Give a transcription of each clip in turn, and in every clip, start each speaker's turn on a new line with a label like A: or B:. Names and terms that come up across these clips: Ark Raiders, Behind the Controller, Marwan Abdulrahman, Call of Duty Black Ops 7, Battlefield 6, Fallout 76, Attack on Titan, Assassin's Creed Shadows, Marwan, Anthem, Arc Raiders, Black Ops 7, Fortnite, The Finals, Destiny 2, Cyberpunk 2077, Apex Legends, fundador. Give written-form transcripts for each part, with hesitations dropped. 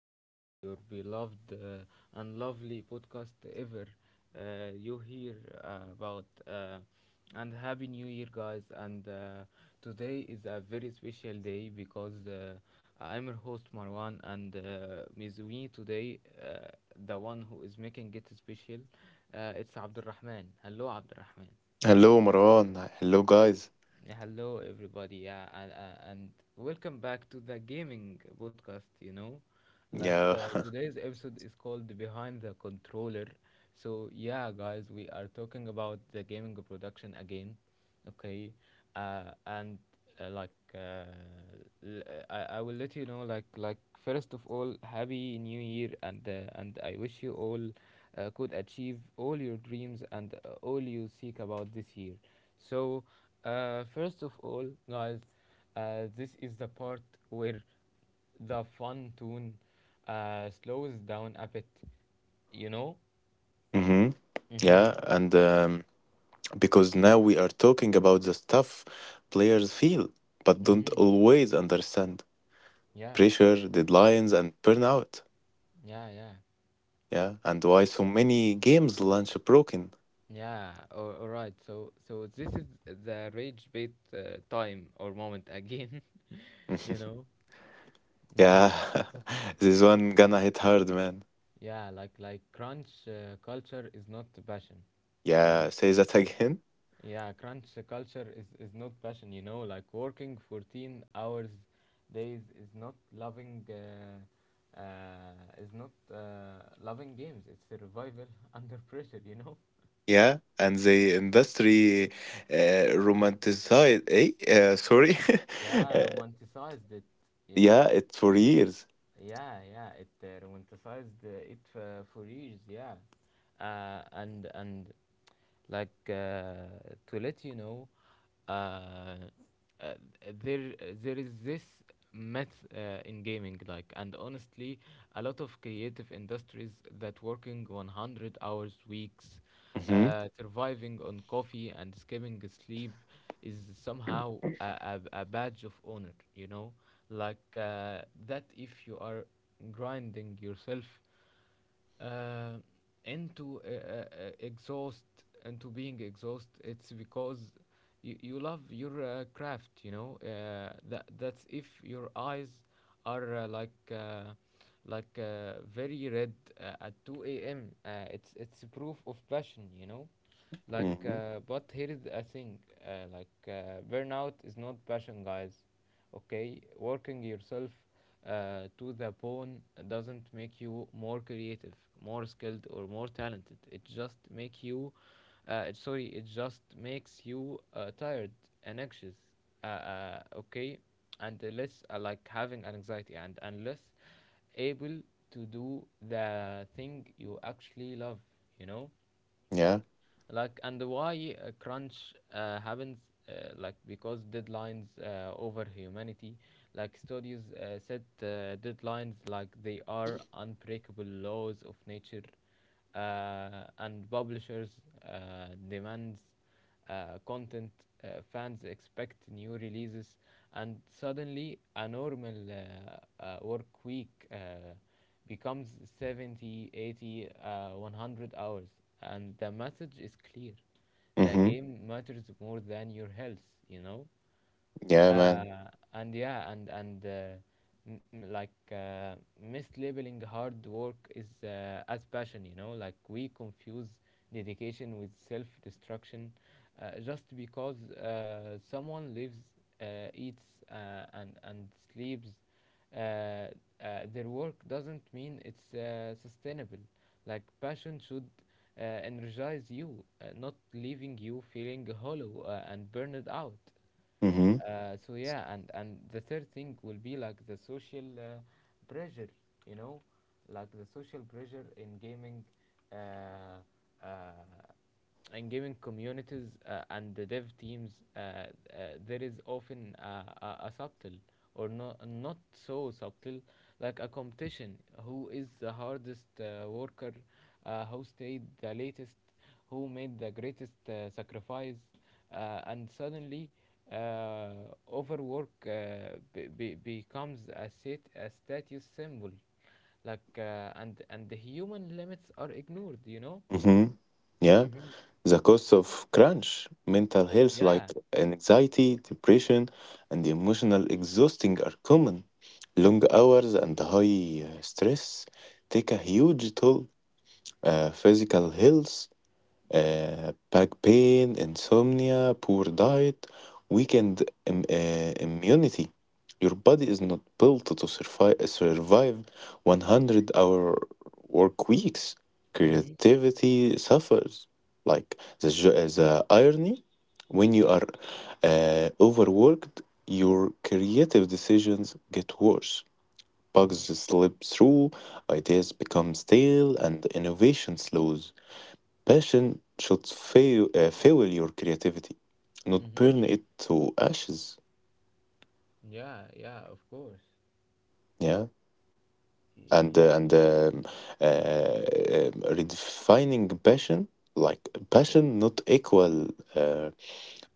A: to your beloved and lovely podcast ever. You here about and Happy new year, guys. And Today is a very special day because I'm your host Marwan, and with me today, the one who is making it special, it's Abdulrahman. Hello, Abdulrahman.
B: Hello, Marwan. Hello, guys.
A: Yeah, hello, everybody. Yeah, and welcome back to the gaming podcast.
B: Yeah.
A: Today's episode is called Behind the Controller. So, yeah, guys, we are talking about the gaming production again. Okay. And like l- I will let you know like first of all, happy new year, and and I wish you all could achieve all your dreams and all you seek about this year. So first of all, guys, this is the part where the fun tune slows down a bit, you know?
B: Hmm.
A: Mm-hmm.
B: Yeah. And Because now we are talking about the stuff players feel but don't
A: Mm-hmm.
B: always understand:
A: Yeah,
B: pressure, deadlines, and burnout.
A: yeah, yeah.
B: Yeah. And why so many games launch broken.
A: Yeah, all right. So, so this is the rage bait time or moment again, you know? Mm-hmm.
B: Yeah. This one gonna hit hard, man.
A: Yeah, like crunch culture is not passion, you know?
B: Yeah. Say that again.
A: Yeah, crunch culture is not passion, you know, like working 14 hours days is not loving games. It's survival under pressure, you know.
B: Yeah. And the industry romanticized. Eh? Sorry.
A: Yeah,
B: Uh,
A: romanticized it, you know.
B: yeah. It's for years.
A: Yeah, yeah, it romanticized it for years, yeah. And Like To let you know, uh, uh, there is this myth in gaming, like, and honestly a lot of creative industries that working 100 hours weeks,
B: Mhm.
A: surviving on coffee and skipping sleep, is somehow a badge of honor, you know, like that if you are grinding yourself uh, into uh, uh, uh, exhaust into being exhaust, it's because you love your craft, you know. That's if your eyes are very red at 2 a.m., it's proof of passion, you know.
B: Mhm.
A: But here is a thing. Burnout is not passion, guys. Okay, working yourself to the bone doesn't make you more creative, more skilled, or more talented. It just makes you tired and anxious. Okay, and less like having an anxiety, and unless able to do the thing you actually love, you know.
B: Yeah.
A: And why crunch happens? Because deadlines over humanity. Like studios set deadlines like they are unbreakable laws of nature, and publishers demands content, fans expect new releases, and suddenly a normal work week becomes 70, 80, 80 100 hours, and the message is clear: the
B: Mhm.
A: game matters more than your health, you know.
B: Yeah,
A: Uh,
B: man.
A: and Yeah, and m- m- like mislabeling hard work is as passion, you know. Like, we confuse dedication with self destruction. Just because someone lives, eats, and sleeps uh, uh, their work, doesn't mean it's sustainable. Like, passion should energize you, not leaving you feeling hollow and burned out.
B: Mhm.
A: So yeah, and the third thing will be like the social pressure, you know, like the social pressure uh, uh, in gaming communities and the dev teams. There is often a subtle or not so subtle, like a competition. Who is the hardest worker? Who stayed the latest? Who made the greatest sacrifice? And suddenly uh, overwork becomes a status symbol. Like and the human limits are ignored, you know.
B: Mhm. Yeah.
A: Mm-hmm.
B: The cost of crunch, mental health
A: Yeah.
B: like anxiety, depression, and emotional exhausting are common. Long hours and high stress take a huge toll. Physical health, back pain, insomnia, poor diet, immunity. Your body is not built to survive 100-hour work weeks.
A: Mm-hmm.
B: Creativity suffers. Like the irony, when you are overworked, your creative decisions get worse. Bugs
A: Mm-hmm.
B: slip through, ideas become stale, and innovation slows. Passion should fuel your creativity, not
A: Mm-hmm.
B: burn it to ashes.
A: Yeah, yeah, of course.
B: Yeah,
A: Y- yeah.
B: and uh, redefining passion, like passion not equal uh,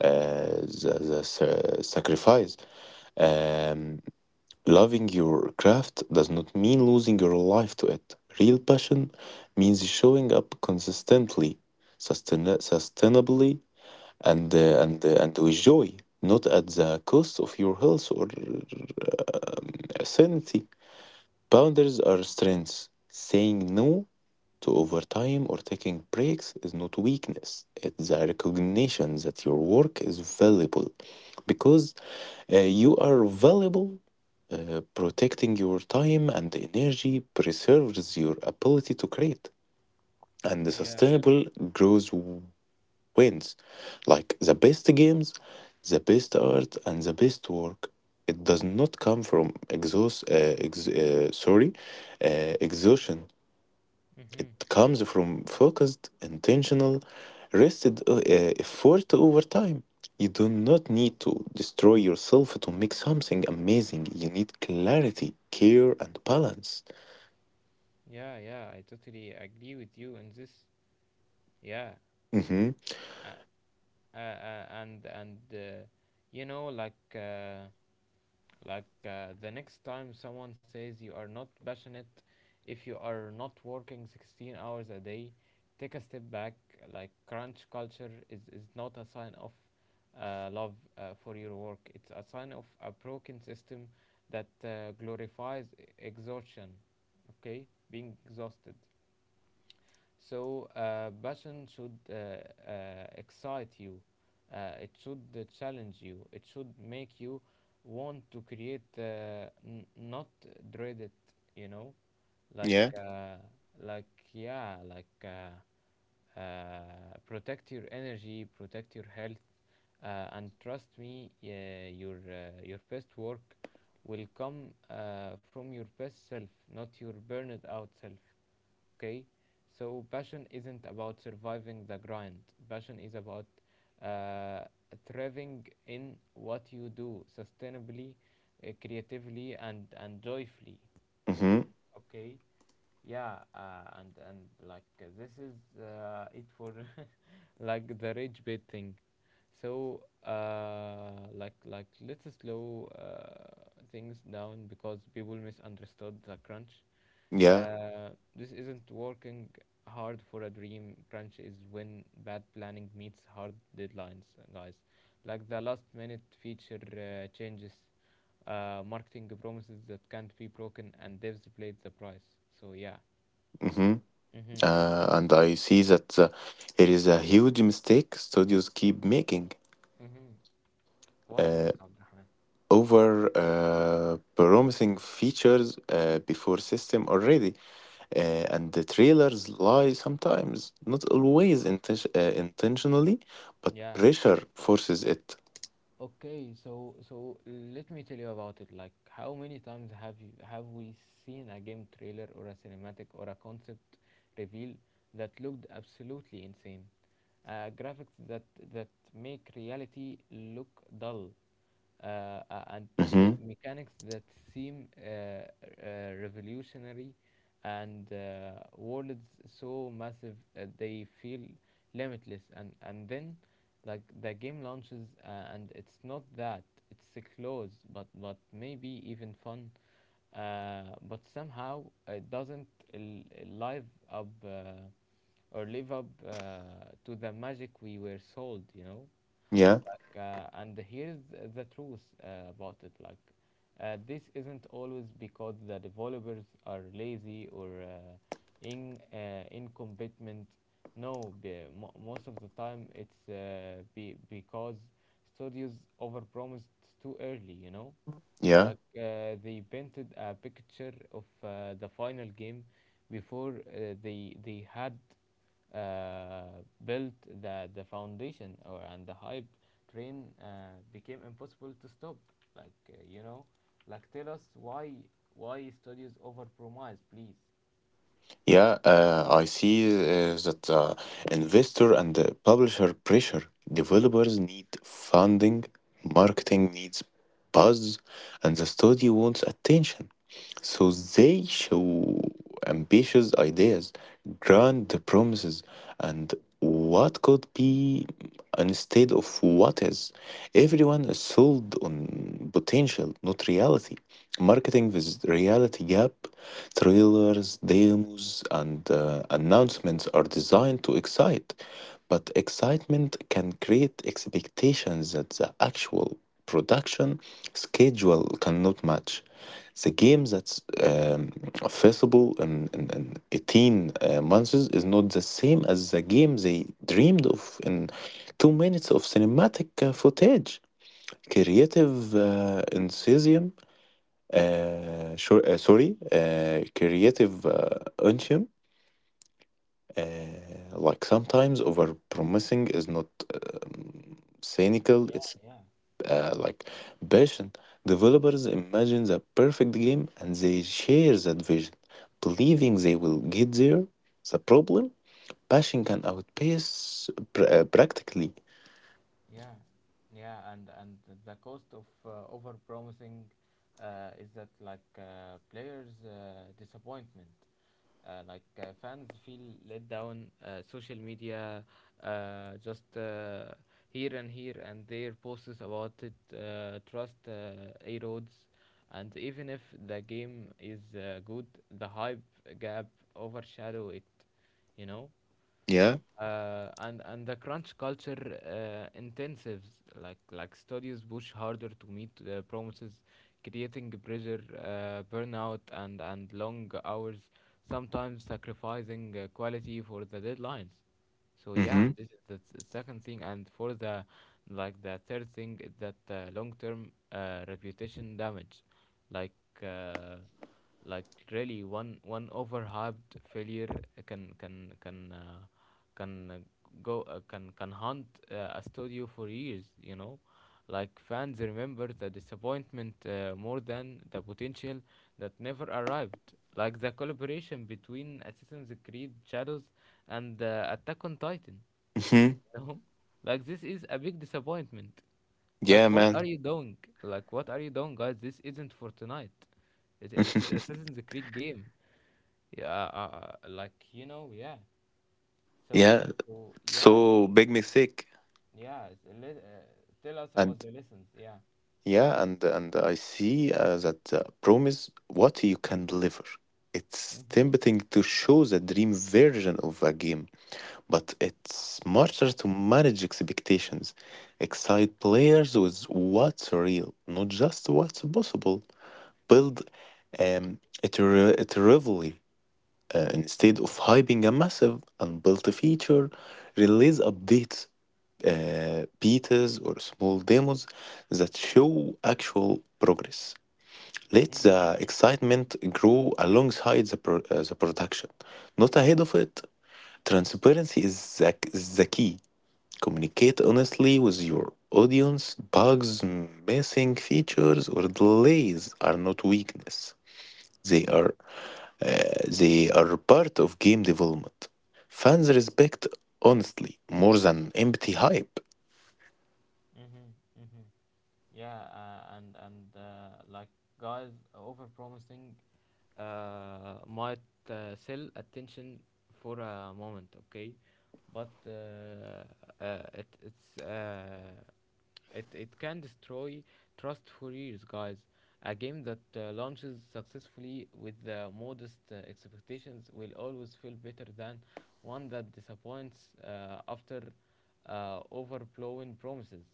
B: uh, sacrifice. Um, Loving your craft does not mean losing your life to it. Real passion means showing up consistently, sustainably, and with joy, not at the cost of your health or um, sanity. Boundaries are strengths. Saying no to overtime or taking breaks is not weakness. It's a recognition that your work is valuable, because you are valuable. Protecting your time and energy preserves your ability to create, and the
A: Yeah.
B: sustainable growth wins. Like the best games, the best art, and the best work. It does not come from exhaustion.
A: Mm-hmm.
B: It comes from focused, intentional, rested effort over time. You do not need to destroy yourself to make something amazing. You need clarity, care, and balance.
A: Yeah, yeah, I totally agree with you on this. Yeah.
B: Mm-hmm.
A: uh, and you know like The next time someone says you are not passionate if you are not working 16 hours a day, take a step back. Like, crunch culture is not a sign of love for your work. It's a sign of a broken system that glorifies exhaustion. Okay? Being exhausted. So passion should excite you. It should challenge you. It should make you want to create, not dread it. You know, like
B: Yeah.
A: uh, like yeah, like. Uh, Protect your energy, protect your health, and trust me, your best work will come from your best self, not your burned out self. Okay, so passion isn't about surviving the grind. Passion is about uh, thriving in what you do, sustainably, creatively, and joyfully.
B: Mm-hmm.
A: Okay. Yeah, and like this is it for like the rage bait thing. So let's slow things down because people misunderstood the crunch.
B: Yeah.
A: This isn't working hard for a dream. Crunch is when bad planning meets hard deadlines, guys. Like the last minute feature changes, marketing promises that can't be broken, and devs played the price. So yeah.
B: Mm-hmm.
A: Mm-hmm.
B: And I see that it is a huge mistake studios keep making,
A: Mm-hmm. What is
B: uh,
A: it, Abdurrahman?
B: over promising features before system already, and the trailers lie sometimes, not always intentionally, but
A: Yeah.
B: pressure forces it.
A: Okay, so let me tell you about it. Like, how many times have we seen a game trailer or a cinematic or a concept reveal that looked absolutely insane? Uh, graphics that that make reality look dull,
B: Hmm.
A: mechanics that seem revolutionary, and worlds so massive they feel limitless. And then, like, the game launches, and it's not that it's close, but maybe even fun, but somehow it doesn't l- live up uh, live up to the magic we were sold, you know?
B: Yeah,
A: Like, and here's the truth about it. Like, this isn't always because the developers are lazy or in incompetent. No, be, mo- Most of the time it's because studios overpromised too early. You know,
B: yeah.
A: like they painted a picture of the final game before they had built the foundation, or and the hype train became impossible to stop. like uh, you know Tell us why studios overpromise, please.
B: Yeah, I see that investor and the publisher pressure. Developers need funding, marketing needs buzz, and the studio wants attention. So they show ambitious ideas, grand promises, and what could be instead of what is. Everyone is sold on potential, not reality. Marketing with reality gap, trailers, demos, and announcements are designed to excite, but excitement can create expectations that the actual production schedule cannot match. The game that's um, feasible in 18 months is not the same as the game they dreamed of in 2 minutes of cinematic footage. Creative uh, enthusiasm, Creative enthusiasm, uh, like sometimes over promising is not um, cynical, it's
A: Yeah.
B: like passion. Developers imagine the perfect game and they share that vision, believing they will get there. The problem? Passion can outpace practically.
A: Yeah, yeah, and the cost of over is that, like, players' disappointment, fans feel let down. Social media just here and here and there posts about it. Trust erodes, and even if the game is good, the hype gap overshadow it. You know.
B: Yeah.
A: And the crunch culture intensives, like studios push harder to meet the promises, creating pressure, burnout, and long hours, sometimes sacrificing quality for the deadlines. So yeah,
B: Mm-hmm.
A: this is the second thing, and for the, like, the third thing is that long-term reputation damage. Like uh, really, one overhyped failure can can can uh, can go can haunt a studio for years, you know. Like fans remember the disappointment more than the potential that never arrived. Like the collaboration between Assassin's Creed Shadows and Attack on Titan.
B: Mm-hmm.
A: You know? Like this is a big disappointment.
B: Yeah,
A: Like what are
B: man.
A: you doing? Like what are you doing, guys? This isn't for tonight. It is Assassin's Creed game. Yeah, like you know, yeah.
B: Yeah.
A: So, so yeah,
B: So big mistake.
A: yeah. Uh, Tell us about
B: And
A: the lessons. Yeah.
B: yeah, and I see that promise what you can deliver. It's
A: Mm-hmm.
B: tempting to show the dream version of a game but it's smarter to manage expectations, excite players with what's real, not just what's possible. Build it, re- it rivalry, instead of
A: Mm-hmm,
B: hyping a massive unbuilt feature, release updates, betas, or small demos that show actual progress. Let
A: mm-hmm,
B: the excitement grow alongside the production, not ahead of it. Transparency is is the key. Communicate honestly with your audience. Bugs, missing features, or delays are not weakness. They
A: mm-hmm,
B: are they are part of game development. Fans respect honestly more than empty hype.
A: mm-hmm, mm-hmm. Yeah, and like guys, overpromising might sell attention for a moment, okay? But it can destroy trust for years, guys. A game that launches successfully with the modest expectations will always feel better than one that disappoints after overblowing promises.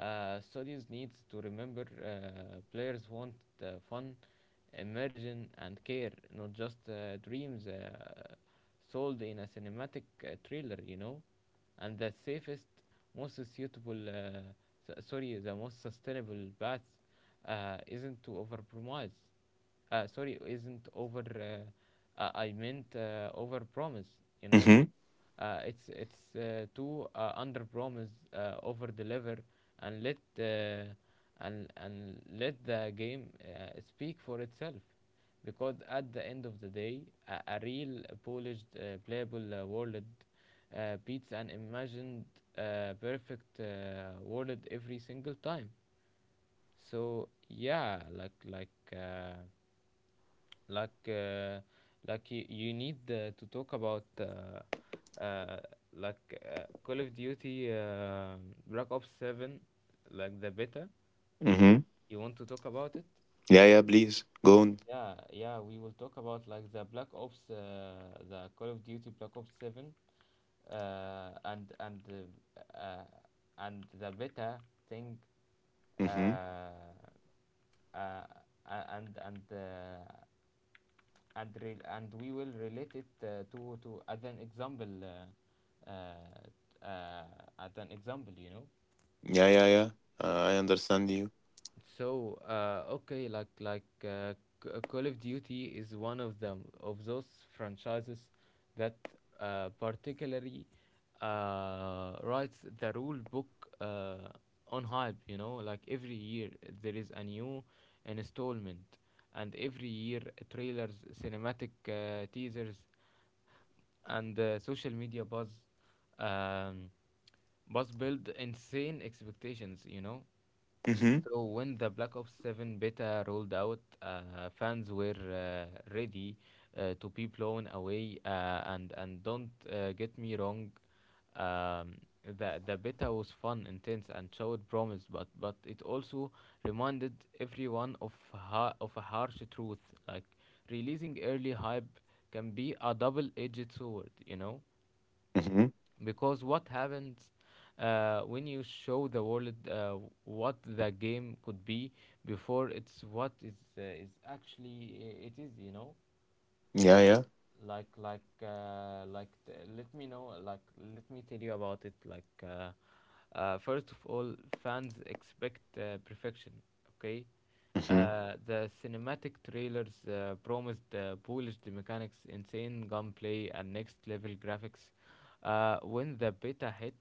A: Studios needs to remember players want fun, immersion, and care, not just dreams sold in a cinematic trailer, you know. And the safest, most suitable s- sorry the most sustainable path isn't to overpromise sorry isn't over I meant overpromise, you know.
B: Mm-hmm.
A: It's to under promise, over deliver, and let uh, and let the game speak for itself. Because at the end of the day, a real polished playable world beats an imagined perfect world every single time. So yeah, like. Uh, like uh, you need to talk about Call of Duty Black Ops 7, like the beta.
B: Mm-hmm.
A: You want to talk about it?
B: Yeah, yeah, please. Go on.
A: Yeah, yeah, we will talk about, like, the the Call of Duty Black Ops 7, uh, and and uh, uh, and the beta thing,
B: Mm-hmm.
A: uh, uh, a- and and uh, and and we will relate it to as an example, you know.
B: Yeah, yeah, yeah. I understand you.
A: So, okay, Call of Duty is one of them of those franchises that particularly writes the rule book uh, on hype. You know, like, every year there is a new installment, and every year trailers, cinematic teasers and social media um, buzz build insane expectations, you know.
B: Mm-hmm.
A: So when the Black Ops 7 beta rolled out, fans were ready to be blown away. And don't get me wrong, um, the beta was fun, intense, and showed promise, but it also reminded everyone of a harsh truth. Like, releasing early hype can be a double-edged sword, you know,
B: Mm-hmm.
A: because what happens when you show the world what the game could be before it's what is actually I- it is, you know.
B: Yeah, yeah.
A: Let me know like let me tell you about it. First of all, fans expect perfection, okay?
B: Mm-hmm.
A: The cinematic trailers promised polished mechanics, insane gunplay, and next level graphics. When the beta hit,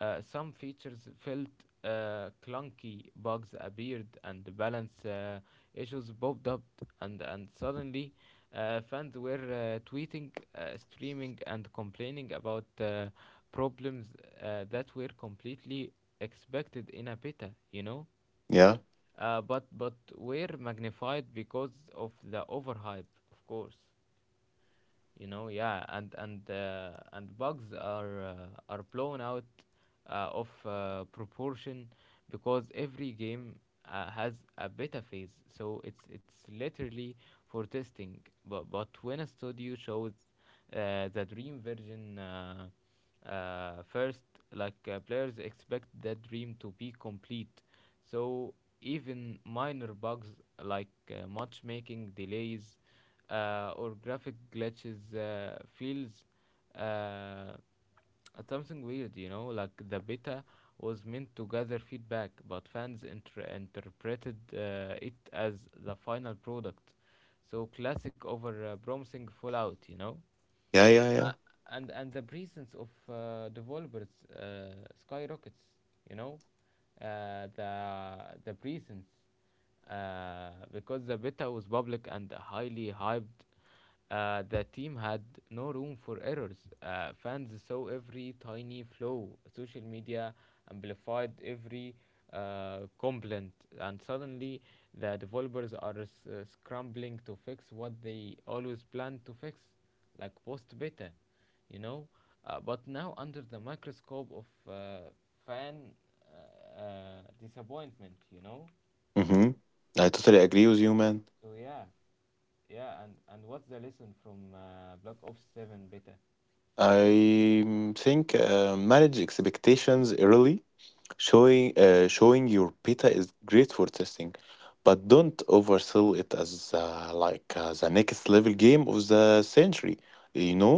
A: some features felt clunky, bugs appeared, and the balance issues popped up. And suddenly fans were tweeting, streaming, and complaining about problems that were completely expected in a beta, you know,
B: Yeah.
A: but were magnified because of the overhype, of course, you know. Yeah. And bugs are blown out of proportion because every game has a beta phase, so it's literally for testing. But when a studio shows the dream version first, like, players expect that dream to be complete, so even minor bugs like matchmaking delays or graphic glitches feels uh, at something weird, you know. Like, the beta was meant to gather feedback, but fans interpreted it as the final product. So classic over- promising Fallout, you know?
B: Yeah, yeah, yeah.
A: uh, and the presence of developers skyrockets, you know. Uh, the the presence, because the beta was public and highly hyped, the team had no room for errors. Fans saw every tiny flaw, social media amplified every complaint, and suddenly the developers are scrambling to fix what they always planned to fix, like post beta, you know. But now under the microscope of fan disappointment, you know.
B: Mm-hmm. I totally agree with you, man.
A: So yeah, yeah, and what's the lesson from Black Ops 7 beta?
B: I think manage expectations early,
A: Mhm.
B: showing your beta is great for testing, but don't oversell it as the next level game of the century. You know,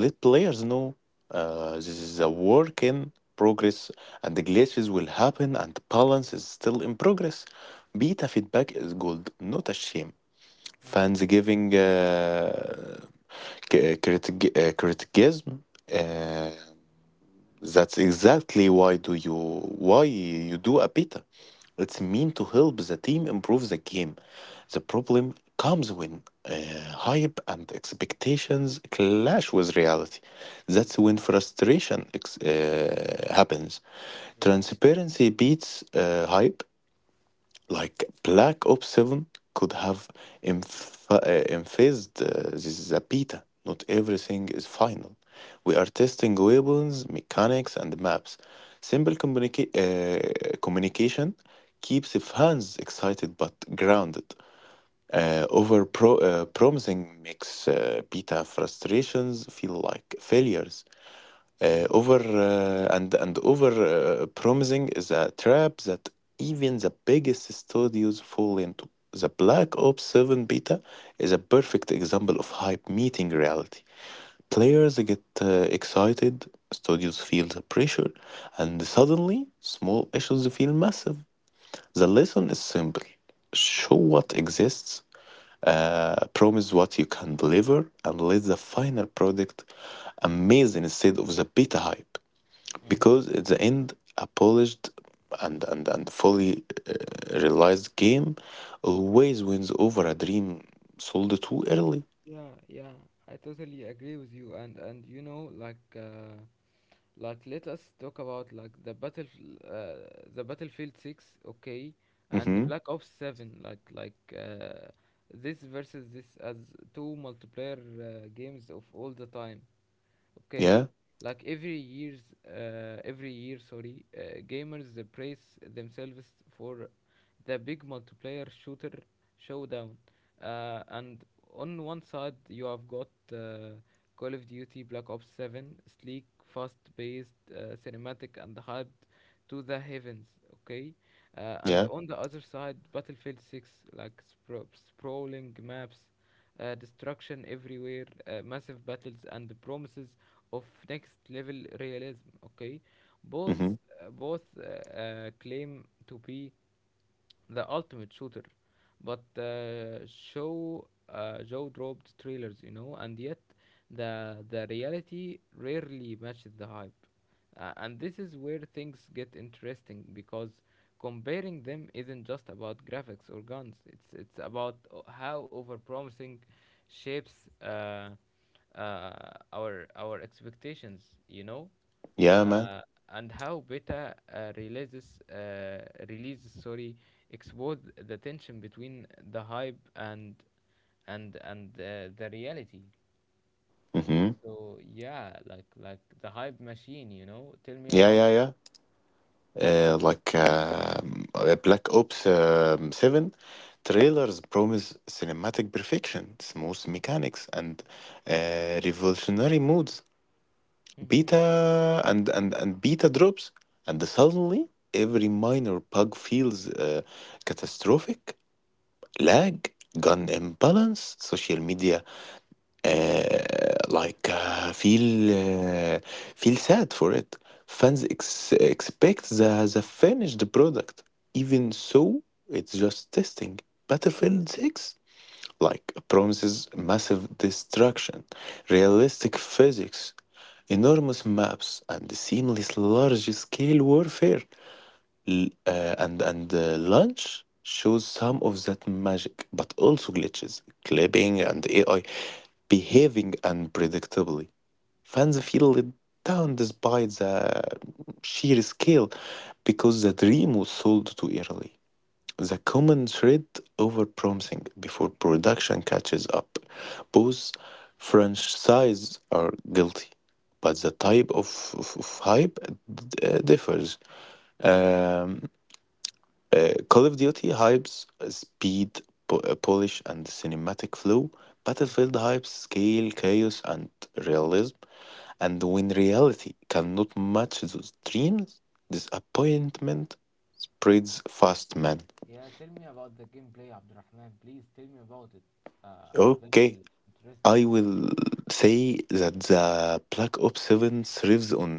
B: let players know this is a work in progress, and the glitches will happen, and balance is still in progress. Beta feedback is gold, not a shame.
A: Mm-hmm.
B: Fansgiving uh, criticism. Uh, that's exactly why do you why you do a beta. It's meant to help the team improve the game. The problem comes when hype and expectations clash with reality. That's when frustration happens.
A: Yeah.
B: Transparency beats hype. Like Black Ops 7 could have emphasized, this is a beta. Not everything is final. We are testing weapons, mechanics, and maps. Simple communication keeps fans excited but grounded. Promising makes beta frustrations feel like failures.
A: Mm-hmm.
B: Over and over promising is a trap that even the biggest studios fall into. The Black Ops 7 beta is a perfect example of hype meeting reality. Players get excited, studios feel the pressure, and suddenly small issues feel massive. The lesson is simple: show what exists, promise what you can deliver, and let the final product amaze instead of the beta hype,
A: Mm-hmm.
B: because at the end a polished and fully realized game always wins over a dream sold too early.
A: Yeah, yeah, I totally agree with you. And you know, like let us talk about, like, uh, the Battlefield 6, okay, and the
B: Mm-hmm.
A: Black Ops 7. This versus this, as two multiplayer games of all the time, okay?
B: Yeah,
A: Like, every year, sorry, gamers praise themselves for the big multiplayer shooter showdown. And on one side you have got Call of Duty Black Ops 7, sleek, fast paced cinematic, and hyped to the heavens, okay?
B: yeah.
A: And on the other side, Battlefield 6, like, sprawling maps, destruction everywhere, massive battles, and the promises of next level realism, okay?
B: Mm-hmm.
A: Both claim to be the Ultimate Shooter, but show Joe dropped trailers, you know, and yet the reality rarely matches the hype, and this is where things get interesting, because comparing them isn't just about graphics or guns. It's about how overpromising shapes uh, our expectations, you know.
B: Yeah, man.
A: uh, and how beta releases, sorry, expose the tension between the hype and the reality.
B: Mm-hmm.
A: So yeah, like, the hype machine, you know. Tell me
B: Yeah,
A: about.
B: yeah, yeah. Black Ops 7 trailers promise cinematic perfection, smooth mechanics, and revolutionary modes.
A: Mm-hmm.
B: Beta drops, and suddenly every minor bug feels catastrophic: lag, gun imbalance, social media uh, like uh, feel uh, feel sad for it. Expect the finished product, even so it's just testing. Battlefield 6 like promises massive destruction, realistic physics, enormous maps, and seamless large-scale warfare. L- and Launch shows some of that magic, but also glitches, clipping, and AI behaving unpredictably. Fans
A: Mm-hmm.
B: feel let down despite the sheer scale because the dream was sold too early. The common thread: over-promising before production catches up. Both franchises are guilty, but the type of hype differs. Um, Call of Duty hypes speed, polish, and cinematic flow.
A: Mm-hmm.
B: Battlefield hypes scale, chaos, and realism. And when reality cannot match those dreams,
A: Yeah.
B: disappointment spreads fast, man.
A: Yeah, tell me about the gameplay, Abdurrahman, please tell me about it. I'm very
B: Okay.
A: interested
B: I
A: in.
B: will say that the Black Ops 7 thrives on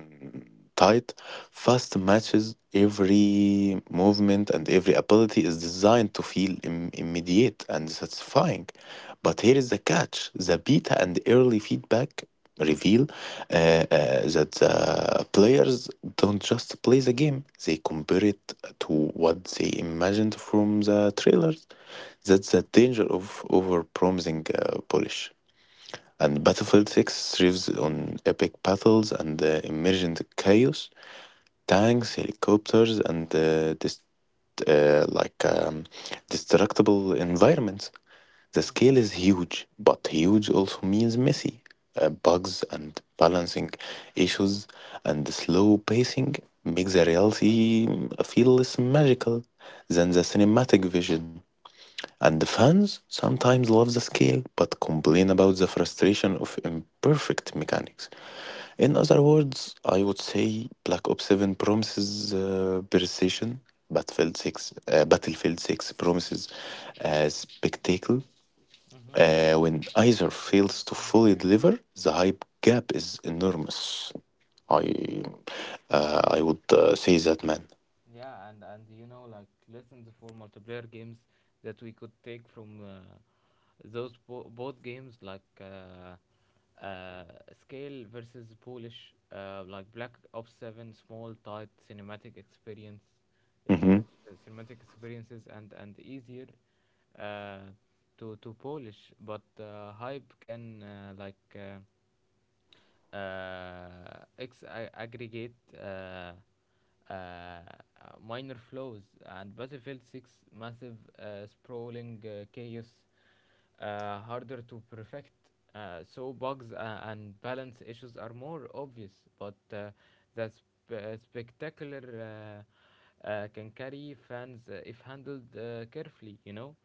B: tight, fast matches. Every movement and every ability is designed to feel immediate and satisfying. But here is the catch: the beta and early feedback reveal that the players don't just play the game, they compare it to what they imagined from the trailers. That's the danger of overpromising polish. And
A: Mm-hmm.
B: Battlefield 6 thrives on epic battles and emergent chaos. Tanks, helicopters, and uh, like um, destructible environments. The scale
A: Mm-hmm.
B: is huge, but huge also means messy. Bugs and balancing issues and slow pacing make the reality feel less magical than the cinematic vision. And the fans sometimes love the scale but complain about the frustration of imperfect mechanics. In other words, I would say Black Ops 7 promises precision, Battlefield 6 promises spectacle.
A: Mm-hmm.
B: When either fails to
A: Yeah.
B: fully deliver, the hype gap is enormous. I I would say that, man.
A: Yeah, and you know, like, lessons for multiplayer games that we could take from those both games, like, uh, Scale versus Polish. Like, Black Ops Seven, small, tight cinematic
B: Mm-hmm.
A: cinematic experiences, and easier uh, to polish, but hype can, like, aggregate uh, minor flows. And Battlefield 6, massive, sprawling chaos, harder to perfect. So bugs and balance issues are more obvious, but the spectacular can carry fans if handled carefully, you know.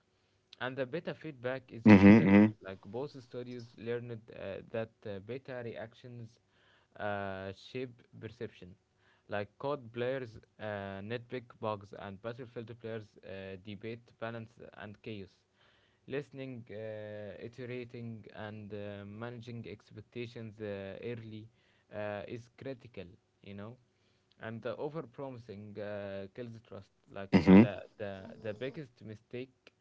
A: And the beta feedback is your
B: Mm-hmm.
A: friend.
B: Mm-hmm.
A: Like, both studies learned that beta reactions shape perception. Like, COD players nitpick bugs, and Battlefield players debate balance and chaos. Listening, iterating, and managing expectations early is critical, you know. And the overpromising kills trust. Like,
B: Mm-hmm.
A: the biggest mistake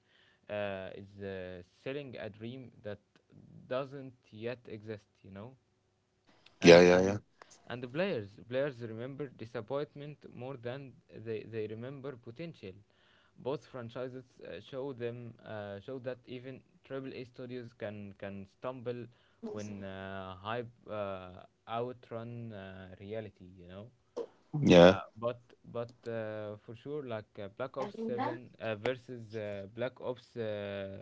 A: is selling a dream that doesn't yet exist. You know,
B: Yeah,
A: and
B: yeah, yeah.
A: and and the players remember disappointment more than they remember potential. Both franchises show that even AAA studios can stumble when hype outrun reality, you know. Uh,
B: Yeah.
A: but but for sure, like, Black Ops 7 versus Black Ops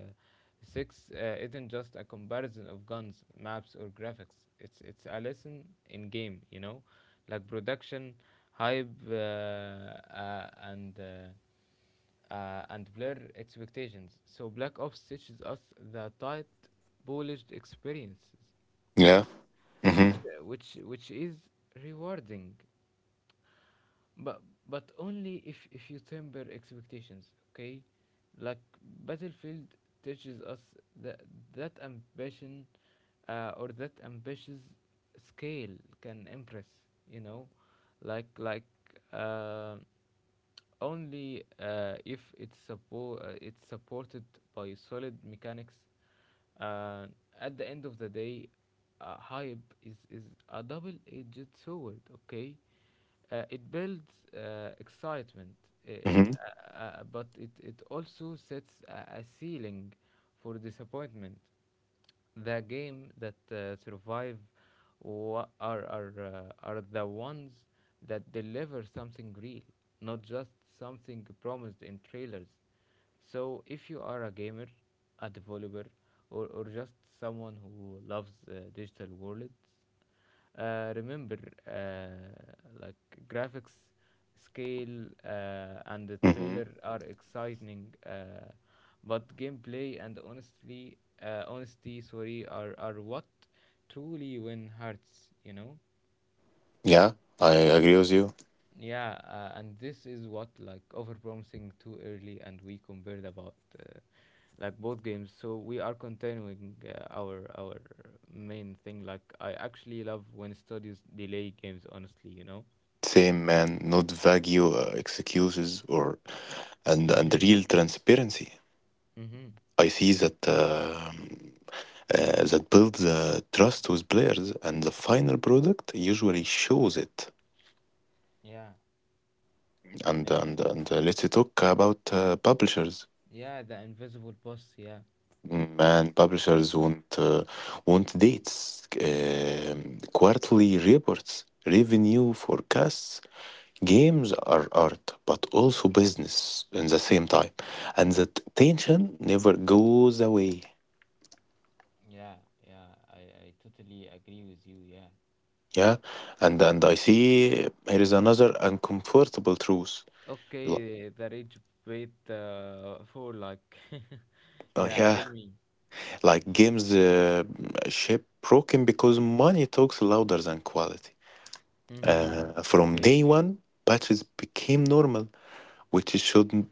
A: Six isn't just a comparison of guns, maps, or graphics. It's a lesson in game, you know, like, production, hype, and blur expectations. So Black Ops teaches us the tight, polished experiences,
B: Yeah.
A: okay,
B: Mm-hmm.
A: which is rewarding, but only if you temper expectations, okay? Like, Battlefield teaches us that ambition or that ambitious scale can impress, you know. Like, uh, only if it's supported by solid mechanics. Uh, at the end of the day, hype is a double-edged sword. Okay, it builds excitement,
B: Mm-hmm.
A: but it also sets a ceiling for disappointment. The game that survive, are the ones that deliver something real, not just something promised in trailers. So if you are a gamer, a developer, or just someone who loves digital worlds, remember, uh, like graphics, scale, and the trailer
B: Hmm.
A: are exciting, but gameplay and honestly honesty, sorry, are what truly win hearts, you know.
B: Yeah, I agree with you.
A: Yeah, and this is what, like, overpromising too early, and we compared about, like, both games. So we are continuing our main thing. Like, I actually love when studios delay games. Honestly, you know.
B: Same man, not vague excuses, or and
A: Mhm.
B: real transparency.
A: Mhm.
B: I see that that builds trust with players, and the final product usually shows it.
A: Yeah. Yeah.
B: And Let's talk about publishers.
A: Yeah. The invisible boss. Yeah.
B: Man, publishers want dates, um, quarterly reports, revenue forecasts. Games are art, but also business in the same time, and that tension never goes away.
A: Yeah, yeah, I totally agree with you. Yeah.
B: Yeah, and I see here is another uncomfortable truth. L-
A: Okay, the rage bait for, like. Yeah.
B: yeah,
A: Tell me.
B: like games shape broken because money talks louder than quality.
A: Mhm.
B: From
A: Okay.
B: day one, patches became normal, which should not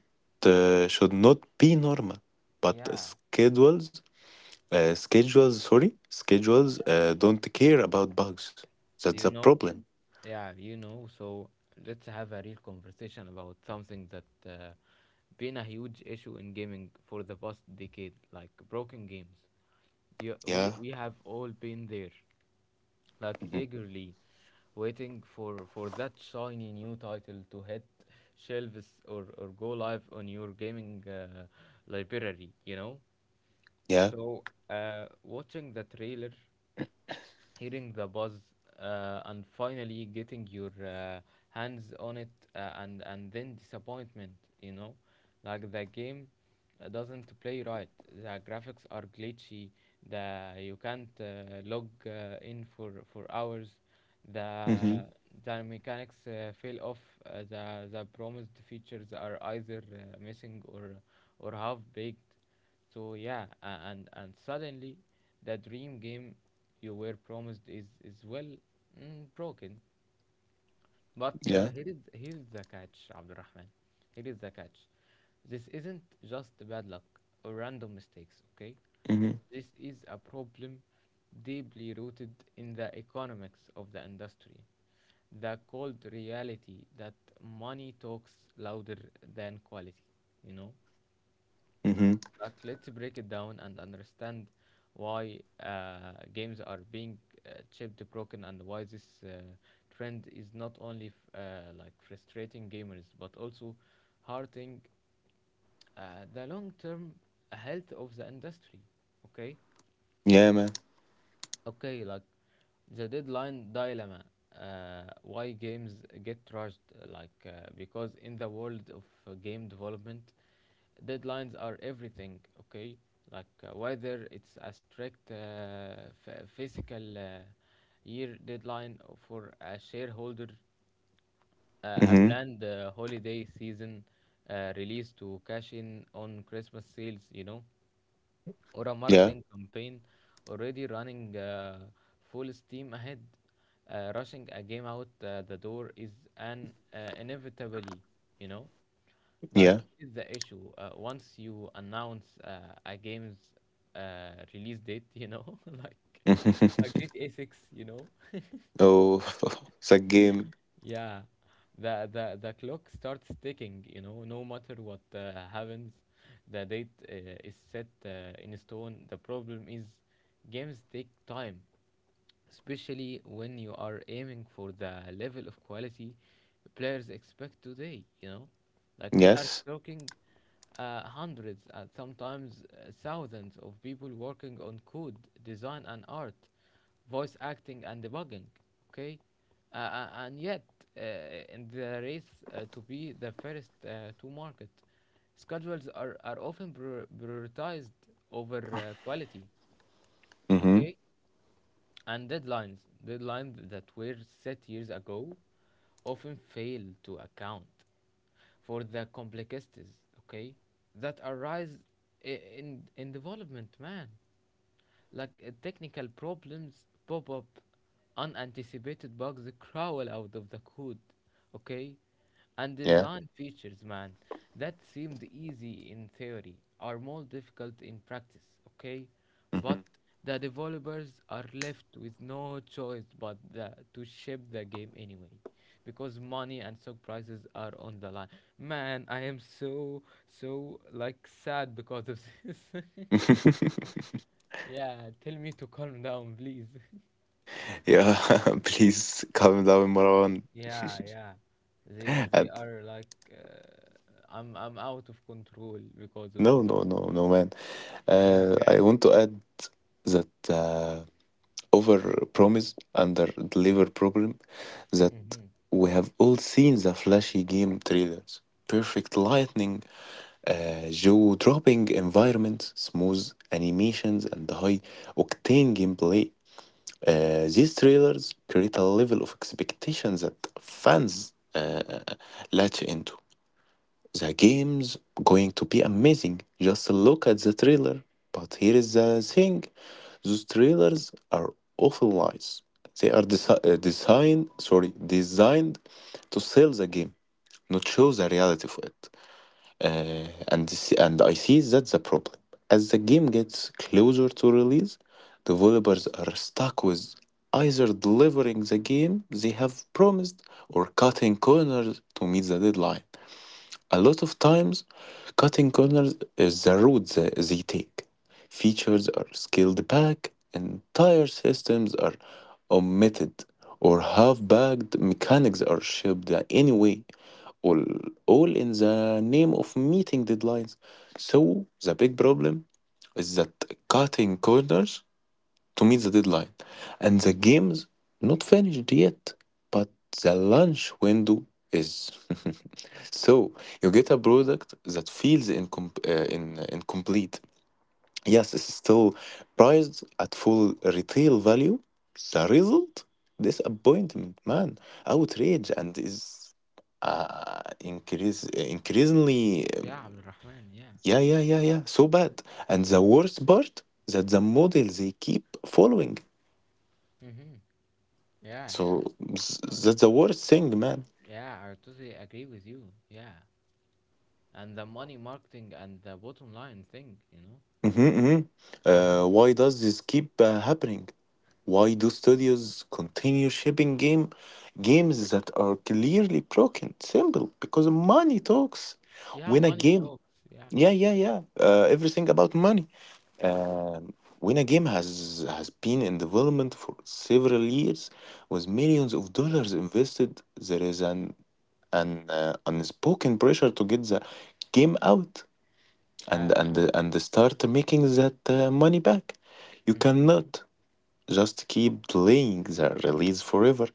B: uh, should not be normal. But
A: Yeah.
B: schedules schedules, sorry, schedules don't care about bugs. That's
A: You
B: the
A: know,
B: problem.
A: yeah, you know. So let's have a real conversation about something that been a huge issue in gaming for the past decade, like, broken games. You,
B: Yeah.
A: we have all been there, like,
B: Hmm.
A: eagerly waiting for that shiny new title to hit shelves or go live on your gaming library, you know.
B: Yeah.
A: So watching the trailer, hearing the buzz, and finally getting your hands on it, and then disappointment, you know. Like, the game doesn't play right, the graphics are glitchy, the you can't log in for hours,
B: Hmm.
A: the the mechanics fail off, the promised features are either missing or half baked so yeah, and suddenly, the dream game you were promised is, well, broken. But
B: Yeah.
A: here is the catch, Abdurrahman. Here is the catch. This isn't just bad luck or random mistakes. Okay,
B: Hmm.
A: this is a problem deeply rooted in the economics of the industry. The cold reality that money talks louder than quality, you know.
B: Hmm.
A: Like, let's break it down and understand why games are being chipped, broken, and why this trend is not only frustrating gamers, but also hurting the long-term health of the industry. Okay,
B: Yeah, man.
A: okay, like, the deadline dilemma. Why games get trashed? Like, because in the world of game development, deadlines are everything, okay? Like, whether it's a strict physical year deadline for a shareholder, a
B: Hmm.
A: planned holiday season release to cash in on Christmas sales, you know, or a
B: Yeah.
A: marketing campaign already running full steam ahead, rushing a game out the door is an inevitably, you know.
B: Yeah.
A: Like, here's the issue. Once you announce a game's release date, you know, like GTA 6, you know,
B: Oh, it's a game.
A: yeah, the clock starts ticking. You know, no matter what happens, the date is set in stone. The problem is, games take time, especially when you are aiming for the level of quality players expect today. You know, like we are
B: Yes.
A: talking hundreds and sometimes thousands of people working on code, design and art, voice acting and debugging. Okay, and yet uh, in the race to be the first to market, schedules are, often prioritized over quality.
B: Hmm.
A: Okay, and deadlines that were set years ago, often fail to account for the complexities, okay, that arise in in development, man. Like technical problems pop up, unanticipated bugs crawl out of the code, okay? And
B: Yeah.
A: design features, man, that seemed easy in theory are more difficult in practice, okay?
B: Hmm.
A: But the developers are left with no choice but to ship the game anyway because money and stock prices are on the line. Man, I am so like sad because of this. Yeah, tell me to calm down, please.
B: Yeah. Please calm down, Marwan.
A: Yeah, yeah. They
B: And
A: are like I'm out of control because of
B: No,
A: this.
B: no, no, no, man.
A: Yeah.
B: I want to add that. Overpromise, underdeliver problem, that
A: Mm-hmm.
B: we have all seen the flashy game trailers. Perfect lighting, jaw-dropping environments, smooth animations, and high-octane gameplay. These trailers create a level of expectation that fans latch into. The game's going to be amazing. Just look at the trailer. But here is the thing: those trailers are often lies. They are designed, sorry, designed to sell the game, not show the reality of it. And this, and I see that's the problem. As the game gets closer to release, developers are stuck with either delivering the game they have promised or cutting corners to meet the deadline. A lot of times, cutting corners is the route they take. Features are scaled back, entire systems are omitted, or half bagged mechanics are shipped anyway, all, all in the name of meeting deadlines. So, the big problem is that cutting corners to meet the deadline. And the game's not finished yet, but the launch window is. So you get a product that feels incomplete. Yes, it's still priced at full retail value. The result? Disappointment, man, outrage, and is uh, increase, increasingly, um,
A: Yeah, Abdulrahman. Yeah.
B: yeah, yeah, yeah, yeah, so bad. And the worst part that the model they keep following.
A: Mm-hmm. Yeah.
B: So s-
A: Uh,
B: that's the worst thing, man.
A: Yeah, I totally agree with you. Yeah. And the money marketing and the bottom line thing.
B: Hmm. Hmm.
A: Mm-hmm.
B: Why does this keep happening? Why do studios continue shipping games that are clearly broken? Simple, because money talks.
A: Yeah,
B: When a
A: money
B: game,
A: talks. Yeah.
B: yeah, yeah, yeah, everything about money. Um, when a game has been in development for several years, with millions of dollars invested, there is an unspoken pressure to get the game out. and
A: Yeah.
B: and and start making that money back. You
A: Mm-hmm.
B: cannot just keep delaying the release forever.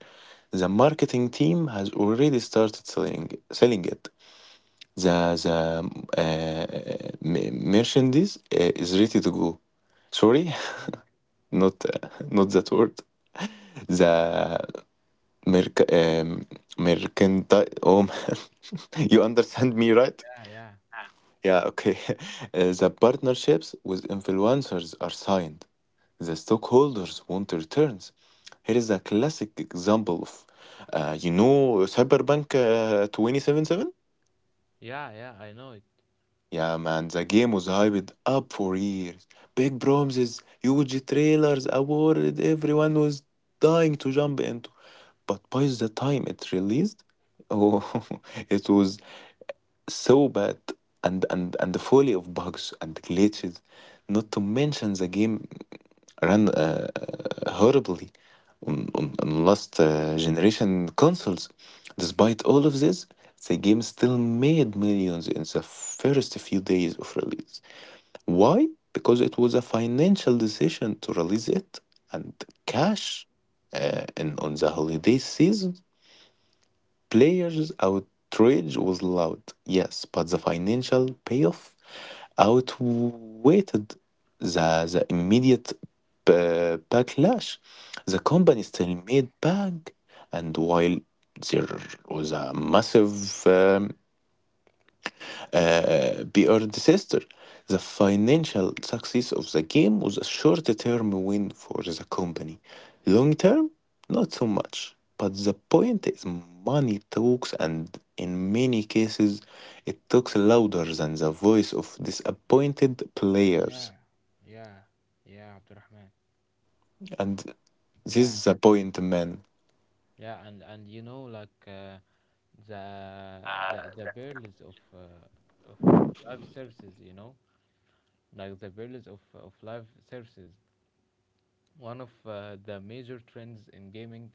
B: The marketing team has already started selling it. The the merchandise is ready to go. Sorry,
A: Hmm.
B: not uh, not that word. The merc um, mercantile. Oh man, you understand me, right?
A: Yeah, yeah.
B: Yeah, okay. The partnerships with influencers are signed, the stockholders want returns. Here is a classic example of, Cyberpunk 2077?
A: Yeah, yeah, I know it.
B: Yeah, man, the game was hyped up for years. Big promises, huge trailers, a world everyone was dying to jump into. But by the time it released, oh, it was so bad and fully of bugs and glitches. Not to mention the game ran horribly on, on last generation consoles. Despite all of this, the game still made millions in the first few days of release. Why? Because it was a financial decision to release it and cash in, on the holiday season. Players' outrage was loud, yes, but the financial payoff outweighed the immediate backlash. The company still made bank, and while there was a massive um, BR disaster. The financial success of the game was a short term win for the company. Long term, not so much. But the point is, money talks, and in many cases, it talks louder than the voice of disappointed
A: Yeah.
B: players.
A: Yeah. Yeah, Abdulrahman.
B: And this
A: Yeah.
B: is the point, man.
A: Yeah, and you know like the the perils of live services, you know, like the perils of live services. One of the major trends in gaming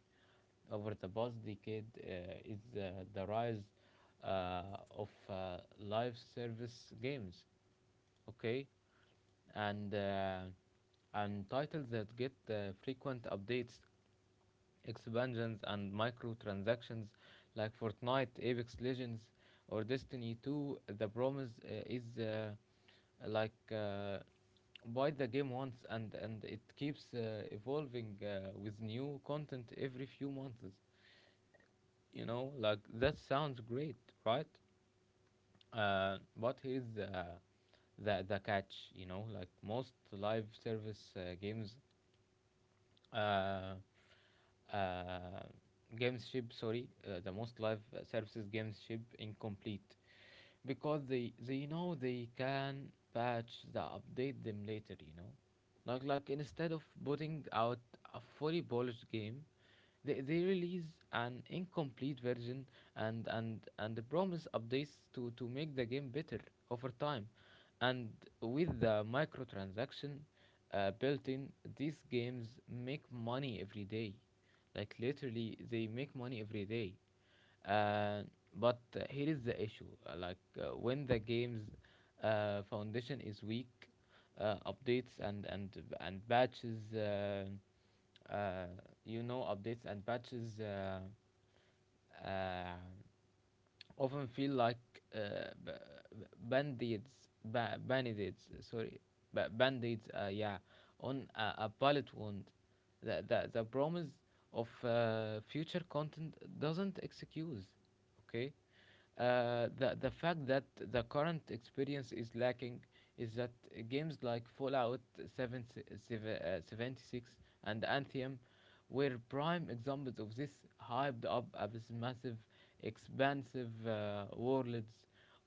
A: over the past decade is the rise uh, of live service games, okay, and uh, and titles that get frequent updates, expansions and microtransactions like Fortnite, Apex Legends, or Destiny 2. The promise is like uh, buy the game once and it keeps evolving with new content every few months. You know, like that sounds great, right? But here's the catch. You know, like most live service games uh, uh, games ship sorry the most live services games ship incomplete because they know they can patch the update them later, you know, like instead of putting out a fully polished game, they release an incomplete version and promise updates to make the game better over time, and with the microtransaction built in, these games make money every day, like literally they make money every day. Uh, but here is the issue. Like when the game's foundation is weak, updates and batches. Uh, you know, updates and batches uh, often feel like b- b- band-aids, ba- band-aids. Sorry, ba- band-aids. Yeah, on a bullet wound. The promise of future content doesn't excuse. Okay, the fact that the current experience is lacking is that games like Fallout 7, 76 and Anthem were prime examples of this, hyped up as massive, expansive worlds,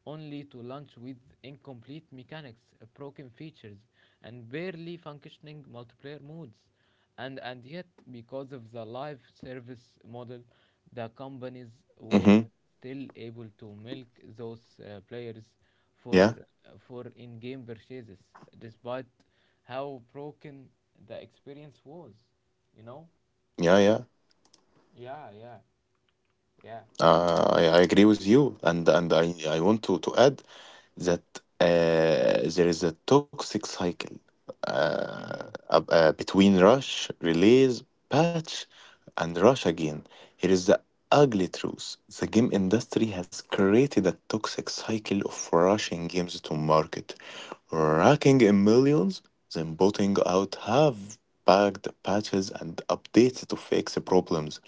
A: only to launch with incomplete mechanics, broken features, and barely functioning multiplayer modes. And yet, because of the live service model, the companies were
B: Hmm.
A: still able to milk those players
B: Yeah,
A: for in-game purchases, despite how broken the experience was. You know?
B: yeah, yeah.
A: Yeah, yeah, yeah,
B: I agree with you, and I want to add that there is a toxic cycle uh,
A: mm-hmm,
B: between rush, release, patch, and rush again. Here is the ugly truth: the game industry has created a toxic cycle of rushing games to market, racking in millions, then putting out half-baked patches and updates to fix problems.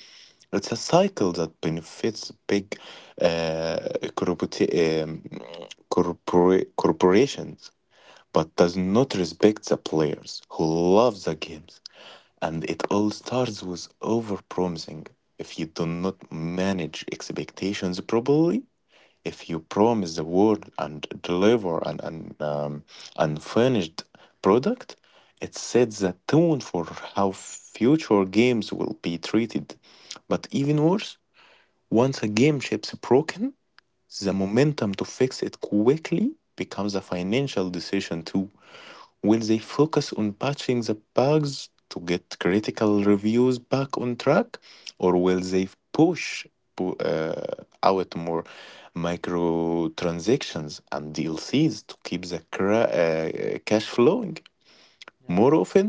B: It's a cycle that benefits big uh, corporati- um, corporations, but does not respect the players who love the games. And it all starts with overpromising. If you do not manage expectations properly, if you promise the world and deliver an unfinished product, it sets the tone for how future games will be treated. But even worse, once a game ship's broken, the momentum to fix it quickly becomes a financial decision too. Will they focus on patching the bugs to get critical reviews back on track, or will they push out more microtransactions and DLCs to keep the cash flowing
A: yeah.
B: more often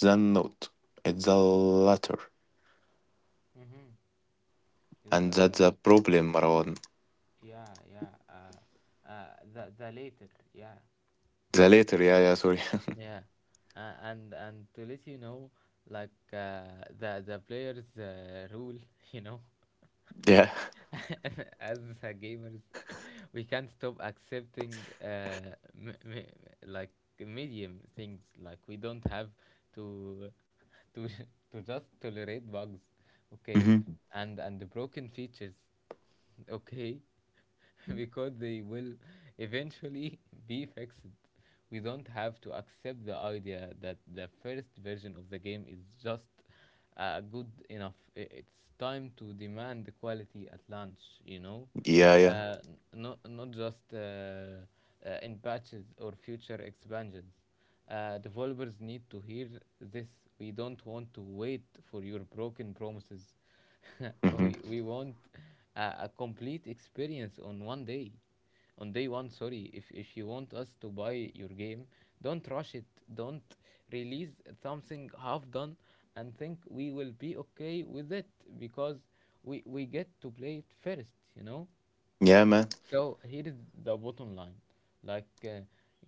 B: than not? It's the latter,
A: Mm-hmm. Is
B: and that's a problem, Marwan.
A: yeah, yeah. The later, yeah.
B: The latter, yeah, yeah, sorry,
A: Yeah, and to let you know, like the players rule, you know,
B: yeah.
A: as gamers we can't stop accepting like medium things. Like we don't have to to to just tolerate bugs, okay,
B: Hmm.
A: and the broken features, okay, because they will eventually be fixed. We don't have to accept the idea that the first version of the game is just good enough. It's time to demand the quality at launch, you know,
B: Yeah,
A: uh,
B: yeah.
A: n- not just in patches or future expansions. Developers need to hear this. We don't want to wait for your broken promises.
B: Hmm.
A: We want a complete experience on one day. On day 1, sorry. If you want us to buy your game, don't rush it. Don't release something half done and think we will be okay with it because we get to play it first, you know?
B: Yeah, man.
A: So here is the bottom line. Like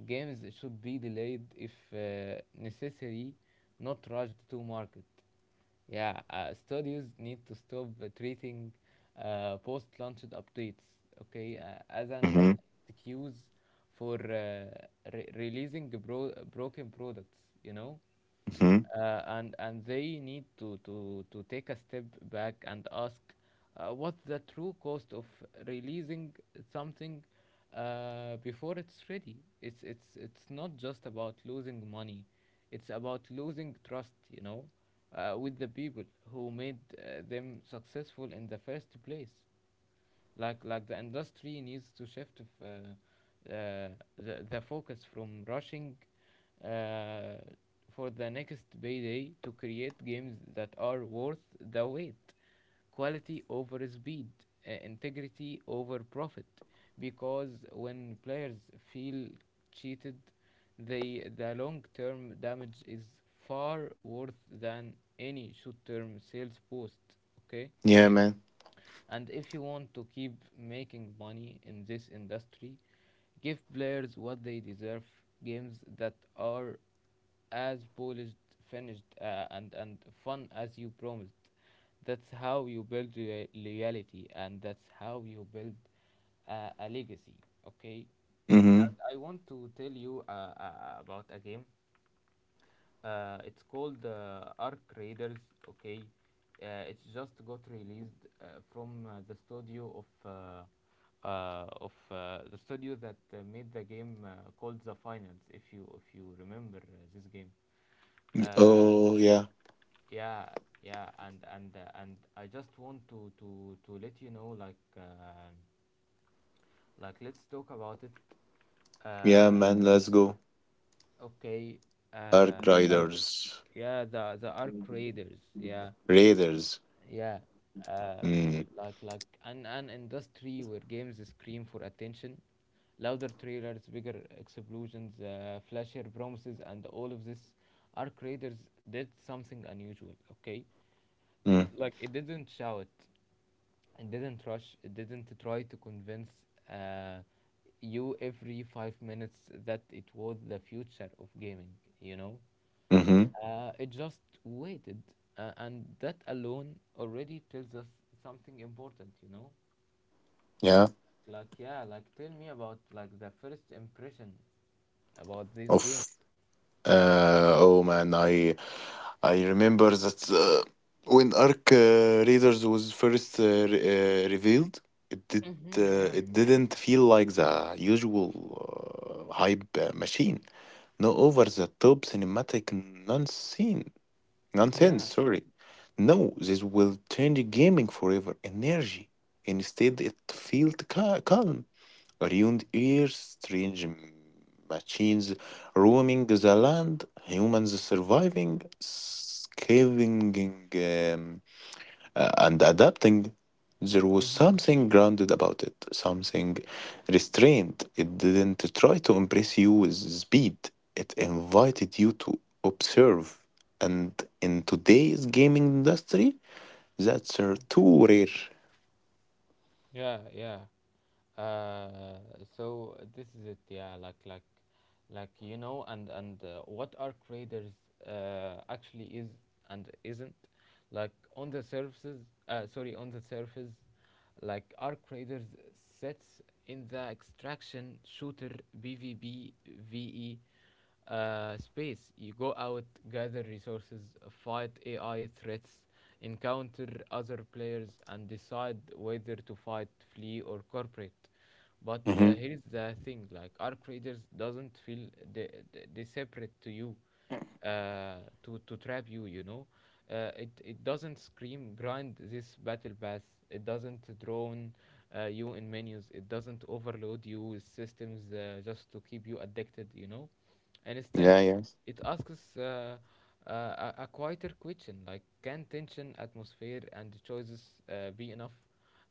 A: games should be delayed if necessary, not rushed to market. Yeah, studios need to stop treating post-launch updates, okay, as an
B: Hmm.
A: excuse for releasing broken products, you know?
B: Hmm.
A: And they need to, to take a step back and ask what's the true cost of releasing something before it's ready. It's not just about losing money; it's about losing trust. You know, with the people who made them successful in the first place. Like the industry needs to shift the focus from rushing uh, for the next payday to create games that are worth the wait. Quality over speed, integrity over profit, because when players feel cheated, the long term damage is far worse than any short term sales boost, okay.
B: Yeah, man.
A: And if you want to keep making money in this industry, give players what they deserve: games that are as polished, finished, and fun as you promised. That's how you build loyalty, and that's how you build a legacy, okay?
B: Hmm.
A: And I want to tell you about a game, it's called Arc Raiders. Okay, it's just got released from the studio that made the game called The Finals. If you remember this game, uh,
B: Oh, yeah.
A: yeah, yeah, and I just want to let you know like let's talk about it.
B: Yeah,
A: Uh,
B: man, let's go.
A: Okay. Uh,
B: Ark
A: uh
B: Riders.
A: yeah, the arc raiders. Yeah,
B: Raiders.
A: yeah. Uh,
B: Mm.
A: like like an industry where games scream for attention, louder trailers, bigger explosions, flashier promises, and all of this. Arc raiders did something unusual. Okay.
B: Mm.
A: Like it didn't shout, it didn't rush, it didn't try to convince uh, you every 5 minutes that it was the future of gaming. You know,
B: Mm-hmm.
A: it just waited, and that alone already tells us something important. You know,
B: Yeah.
A: like yeah, like tell me about like the first impression about this game.
B: Of oh man, I remember that when Ark Raiders was first revealed, it did it didn't feel like the usual hype machine. No over the top cinematic nonsense. nonsense,
A: Yeah.
B: sorry. No, this will change gaming forever. Energy. Instead, it felt calm. Ruined ears, strange machines roaming the land, humans surviving, scavenging. um, and adapting, there was
A: Hmm.
B: something grounded about it, something restrained. It didn't try to impress you with speed, it invited you to observe. And in today's gaming industry, that's too rare.
A: Yeah, yeah. Uh, so this is it. Yeah, like you know, and what are traders actually is and isn't, like on the surfaces. On the surface, like are traders sets in the extraction shooter BVB VE space. You go out, gather resources, fight AI threats, encounter other players, and decide whether to fight, flee, or corporate. But
B: Mm-hmm.
A: here's the thing: like Arc Raiders doesn't feel separate to you uh, to trap you. You know, it doesn't scream grind this battle pass. It doesn't drone you in menus. It doesn't overload you with systems just to keep you addicted. You know, and instead,
B: Yeah, yeah.
A: it asks a quieter question, like can tension, atmosphere, and choices be enough?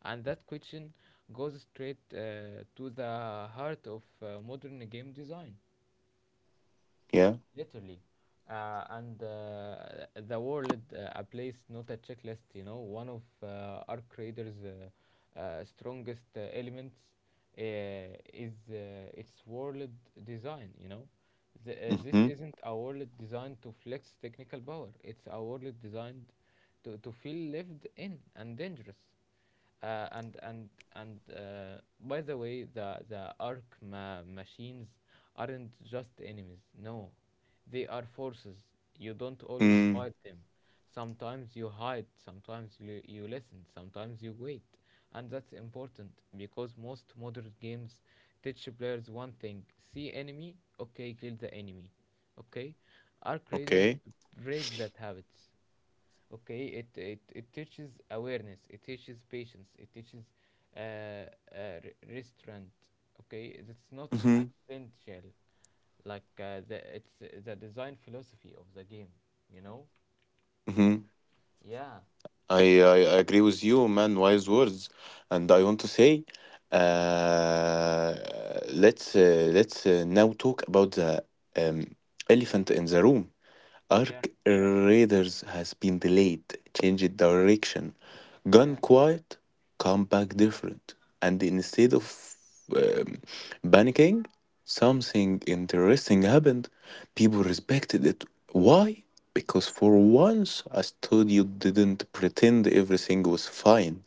A: And that question goes straight to the heart of modern game design,
B: Yeah.
A: literally. And The world, a place not a checklist, you know. One of our creators' strongest elements uh, is its world design, you know. This
B: Mm-hmm.
A: isn't a world designed to flex technical power, it's a world designed to, feel lived in and dangerous, uh, and and and by the way. The arc machines aren't just enemies, no, they are forces. You don't always
B: Mm,
A: fight them, sometimes you hide, sometimes you listen, sometimes you wait. And that's important because most modern games teach players one thing: see enemy, okay, kill the enemy. Okay, arc raiders
B: okay.
A: break that habits, okay. It teaches awareness, it teaches patience, it teaches uh, restraint, okay. It's not
B: Mm-hmm.
A: accidental, like the it's the design philosophy of the game, you know.
B: Mm-hmm.
A: Yeah.
B: I agree with you, man. Wise words, and I want to say, uh, let's now talk about the um, elephant in the room. Ark
A: Yeah.
B: Raiders has been delayed, changed direction, gone
A: Yeah.
B: quiet, come back different. And instead of
A: Mm-hmm.
B: um, panicking, something interesting happened. People respected it. Why? Because for once, a studio didn't pretend everything was fine.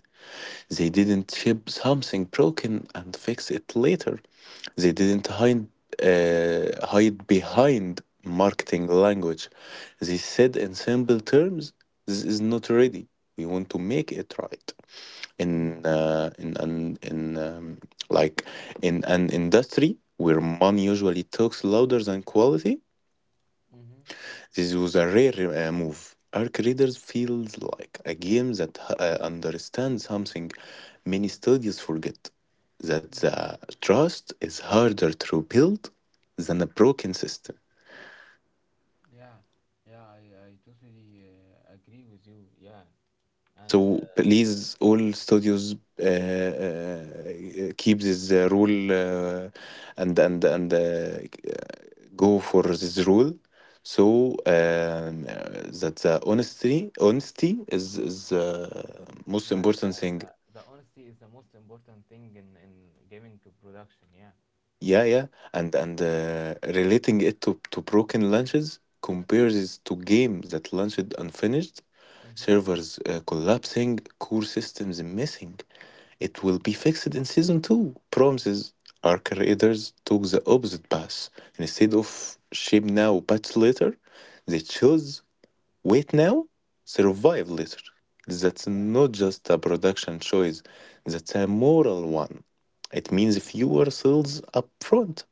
B: They didn't ship something broken and fix it later. They didn't hide behind marketing language. They said in simple terms, this is not ready. We want to make it right.
A: Mm-hmm.
B: In uh, in an in um, like in an industry where money usually talks louder than quality,
A: Mm-hmm.
B: this was a rare move. Arc Raiders feels like a game that understands something many studios forget that
A: Hmm.
B: the trust is harder to build than a broken system.
A: Yeah yeah I totally agree with you. Yeah. and
B: So
A: uh,
B: please, all studios, keep this rule, and go for this rule. So that the honesty is most
A: like
B: important thing.
A: the honesty is the most important thing in gaming production. Yeah.
B: Yeah, yeah, and relating it to broken lunches compares it to game that launched unfinished,
A: Mm-hmm.
B: servers collapsing, core systems missing. It will be fixed in season two. Promises. Our creators took the opposite path. Instead of ship now, patch later, they chose Wait now? Survive later. That's
A: Yeah.
B: not just a production choice, that's a moral one. It means fewer sales up front,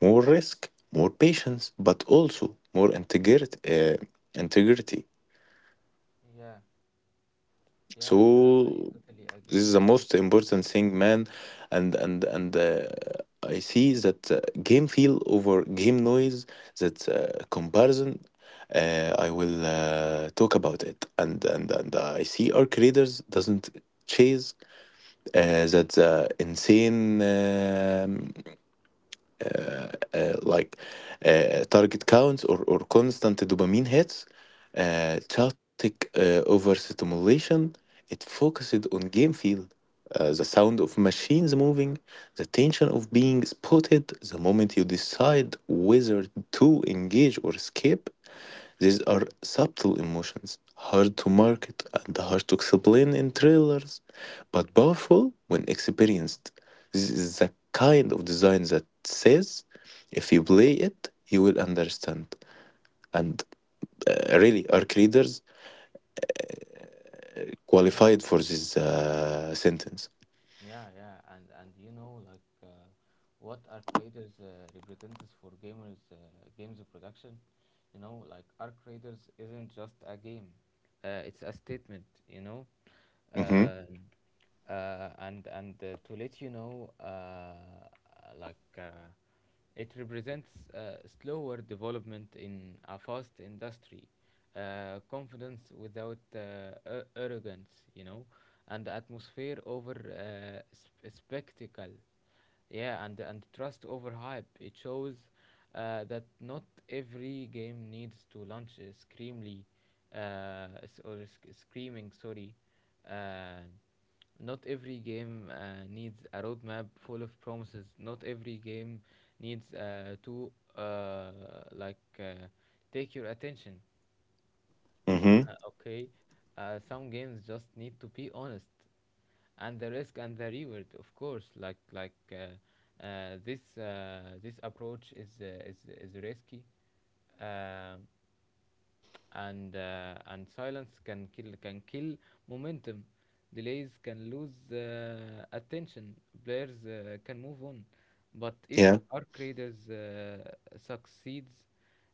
B: more risk, more patience, but also more integrity. Integrity.
A: Yeah. Yeah, yeah,
B: So
A: I totally
B: this
A: agree
B: is the
A: with you.
B: most important thing, man, and I see that game feel over game noise, that comparison I will talk about it, and I see our creators doesn't chase that insane like target counts, or constant dopamine hits, chaotic overstimulation. It focused on game feel, the sound of machines moving, the tension of being spotted, the moment you decide whether to engage or escape. These are subtle emotions, hard to market and hard to explain in trailers, but powerful when experienced. This is the kind of design that says, if you play it, you will understand. And really, our creators qualified
A: hmm.
B: for this sentence.
A: Yeah, yeah, and what are creators representatives for gamers, games production? You know, like, arc creators isn't just a game. It's a statement, you know.
B: Mm-hmm.
A: Uh, and To let you know, like uh, it represents slower development in a fast industry, confidence without arrogance, you know, and atmosphere over spectacle. Yeah, and trust over hype. It shows that not every game needs to launch screamly, screaming. Sorry, uh, not every game needs a roadmap full of promises. Not every game needs to like uh, take your attention.
B: Mm-hmm.
A: Okay, some games just need to be honest, and the risk and the reward, of course. This this approach is risky, uh, and silence can kill momentum. Delays can lose attention. Players can move on, but if
B: Yeah.
A: our creators succeeds,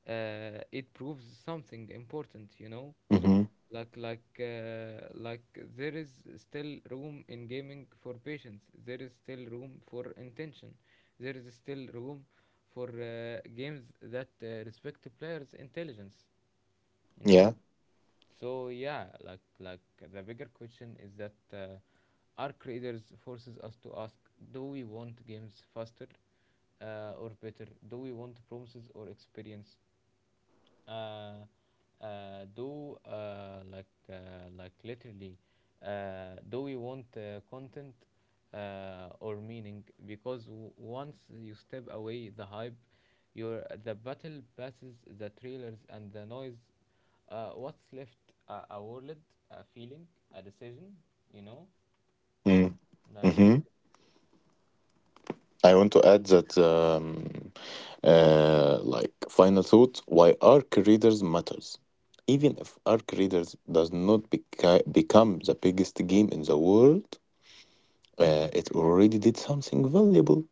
A: it proves something important, you know,
B: Mm-hmm.
A: like like uh, like there is still room in gaming for patience, there is still room for intention, there is still room for games that respect the player's intelligence, you know.
B: Yeah.
A: So yeah, like the bigger question is that our creators forces us to ask, do we want games faster or better? Do we want promises or experience? Uh, do like literally Do we want content or meaning? Because once you step away the hype, your the battle passes, the trailers, and the noise, what's left? A, a wallet, a feeling, a decision, you know
B: Mm.
A: like
B: Mm-hmm.
A: lit-
B: I want to add that final thought why arc readers matters. Even
A: mm-hmm,
B: if arc readers does not become the biggest game in the world,
A: mm-hmm,
B: it already did something valuable.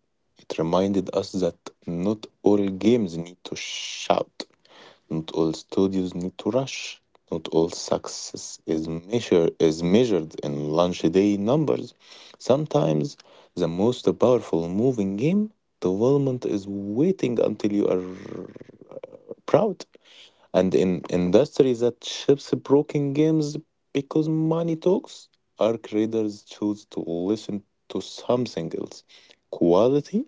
B: It reminded us that not all games need to shout. Not all studios need to rush. Not all success is measured in launch day numbers. Sometimes the most powerful moving game development is waiting until you are proud. And in industries that ships broken games because money talks, our creators choose to listen to something else. Quality,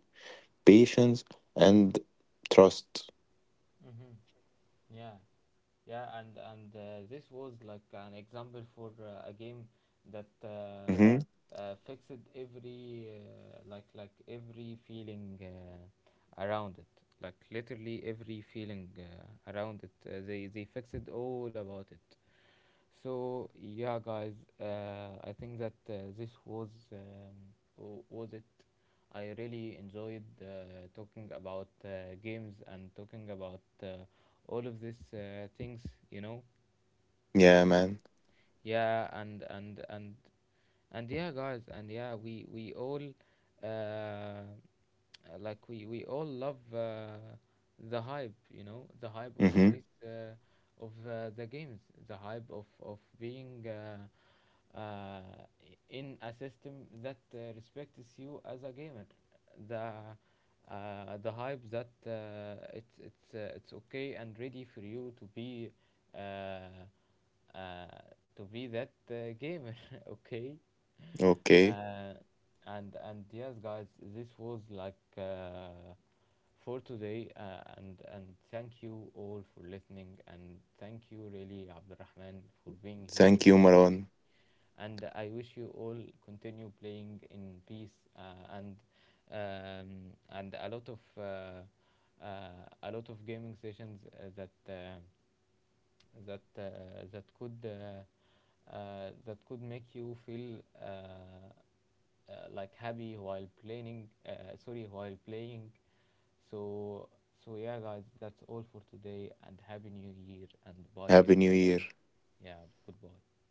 B: patience, and trust.
A: mm-hmm. Yeah, yeah, and this was like an example for a game that
B: Hmm.
A: fixed every, like every feeling around it, like literally every feeling around it. They fixed all about it. So yeah, guys, I think that this was, was it, I really enjoyed talking about games and talking about all of these things, you know.
B: Yeah, man.
A: Yeah, and yeah guys, and yeah, we all, uh like we all love the hype, you know, the hype of
B: Hmm.
A: this, of the games, the hype of being uh, in a system that respects you as a gamer, the, the hype that it's okay and ready for you uh, uh, to be that gamer okay.
B: Okay.
A: uh, and yes guys, this was like for today, and thank you all for listening, and thank you really Abdurrahman for being here
B: Thank
A: with,
B: you, Maron.
A: and I wish you all continue playing in peace, and and a lot of, uh, a lot of gaming sessions that could, that could make you feel, like happy while playing. Sorry, while playing. So, so yeah, guys, that's all for today, and happy New Year, and bye.
B: Happy New
A: Everyone.
B: Year.
A: Yeah, goodbye.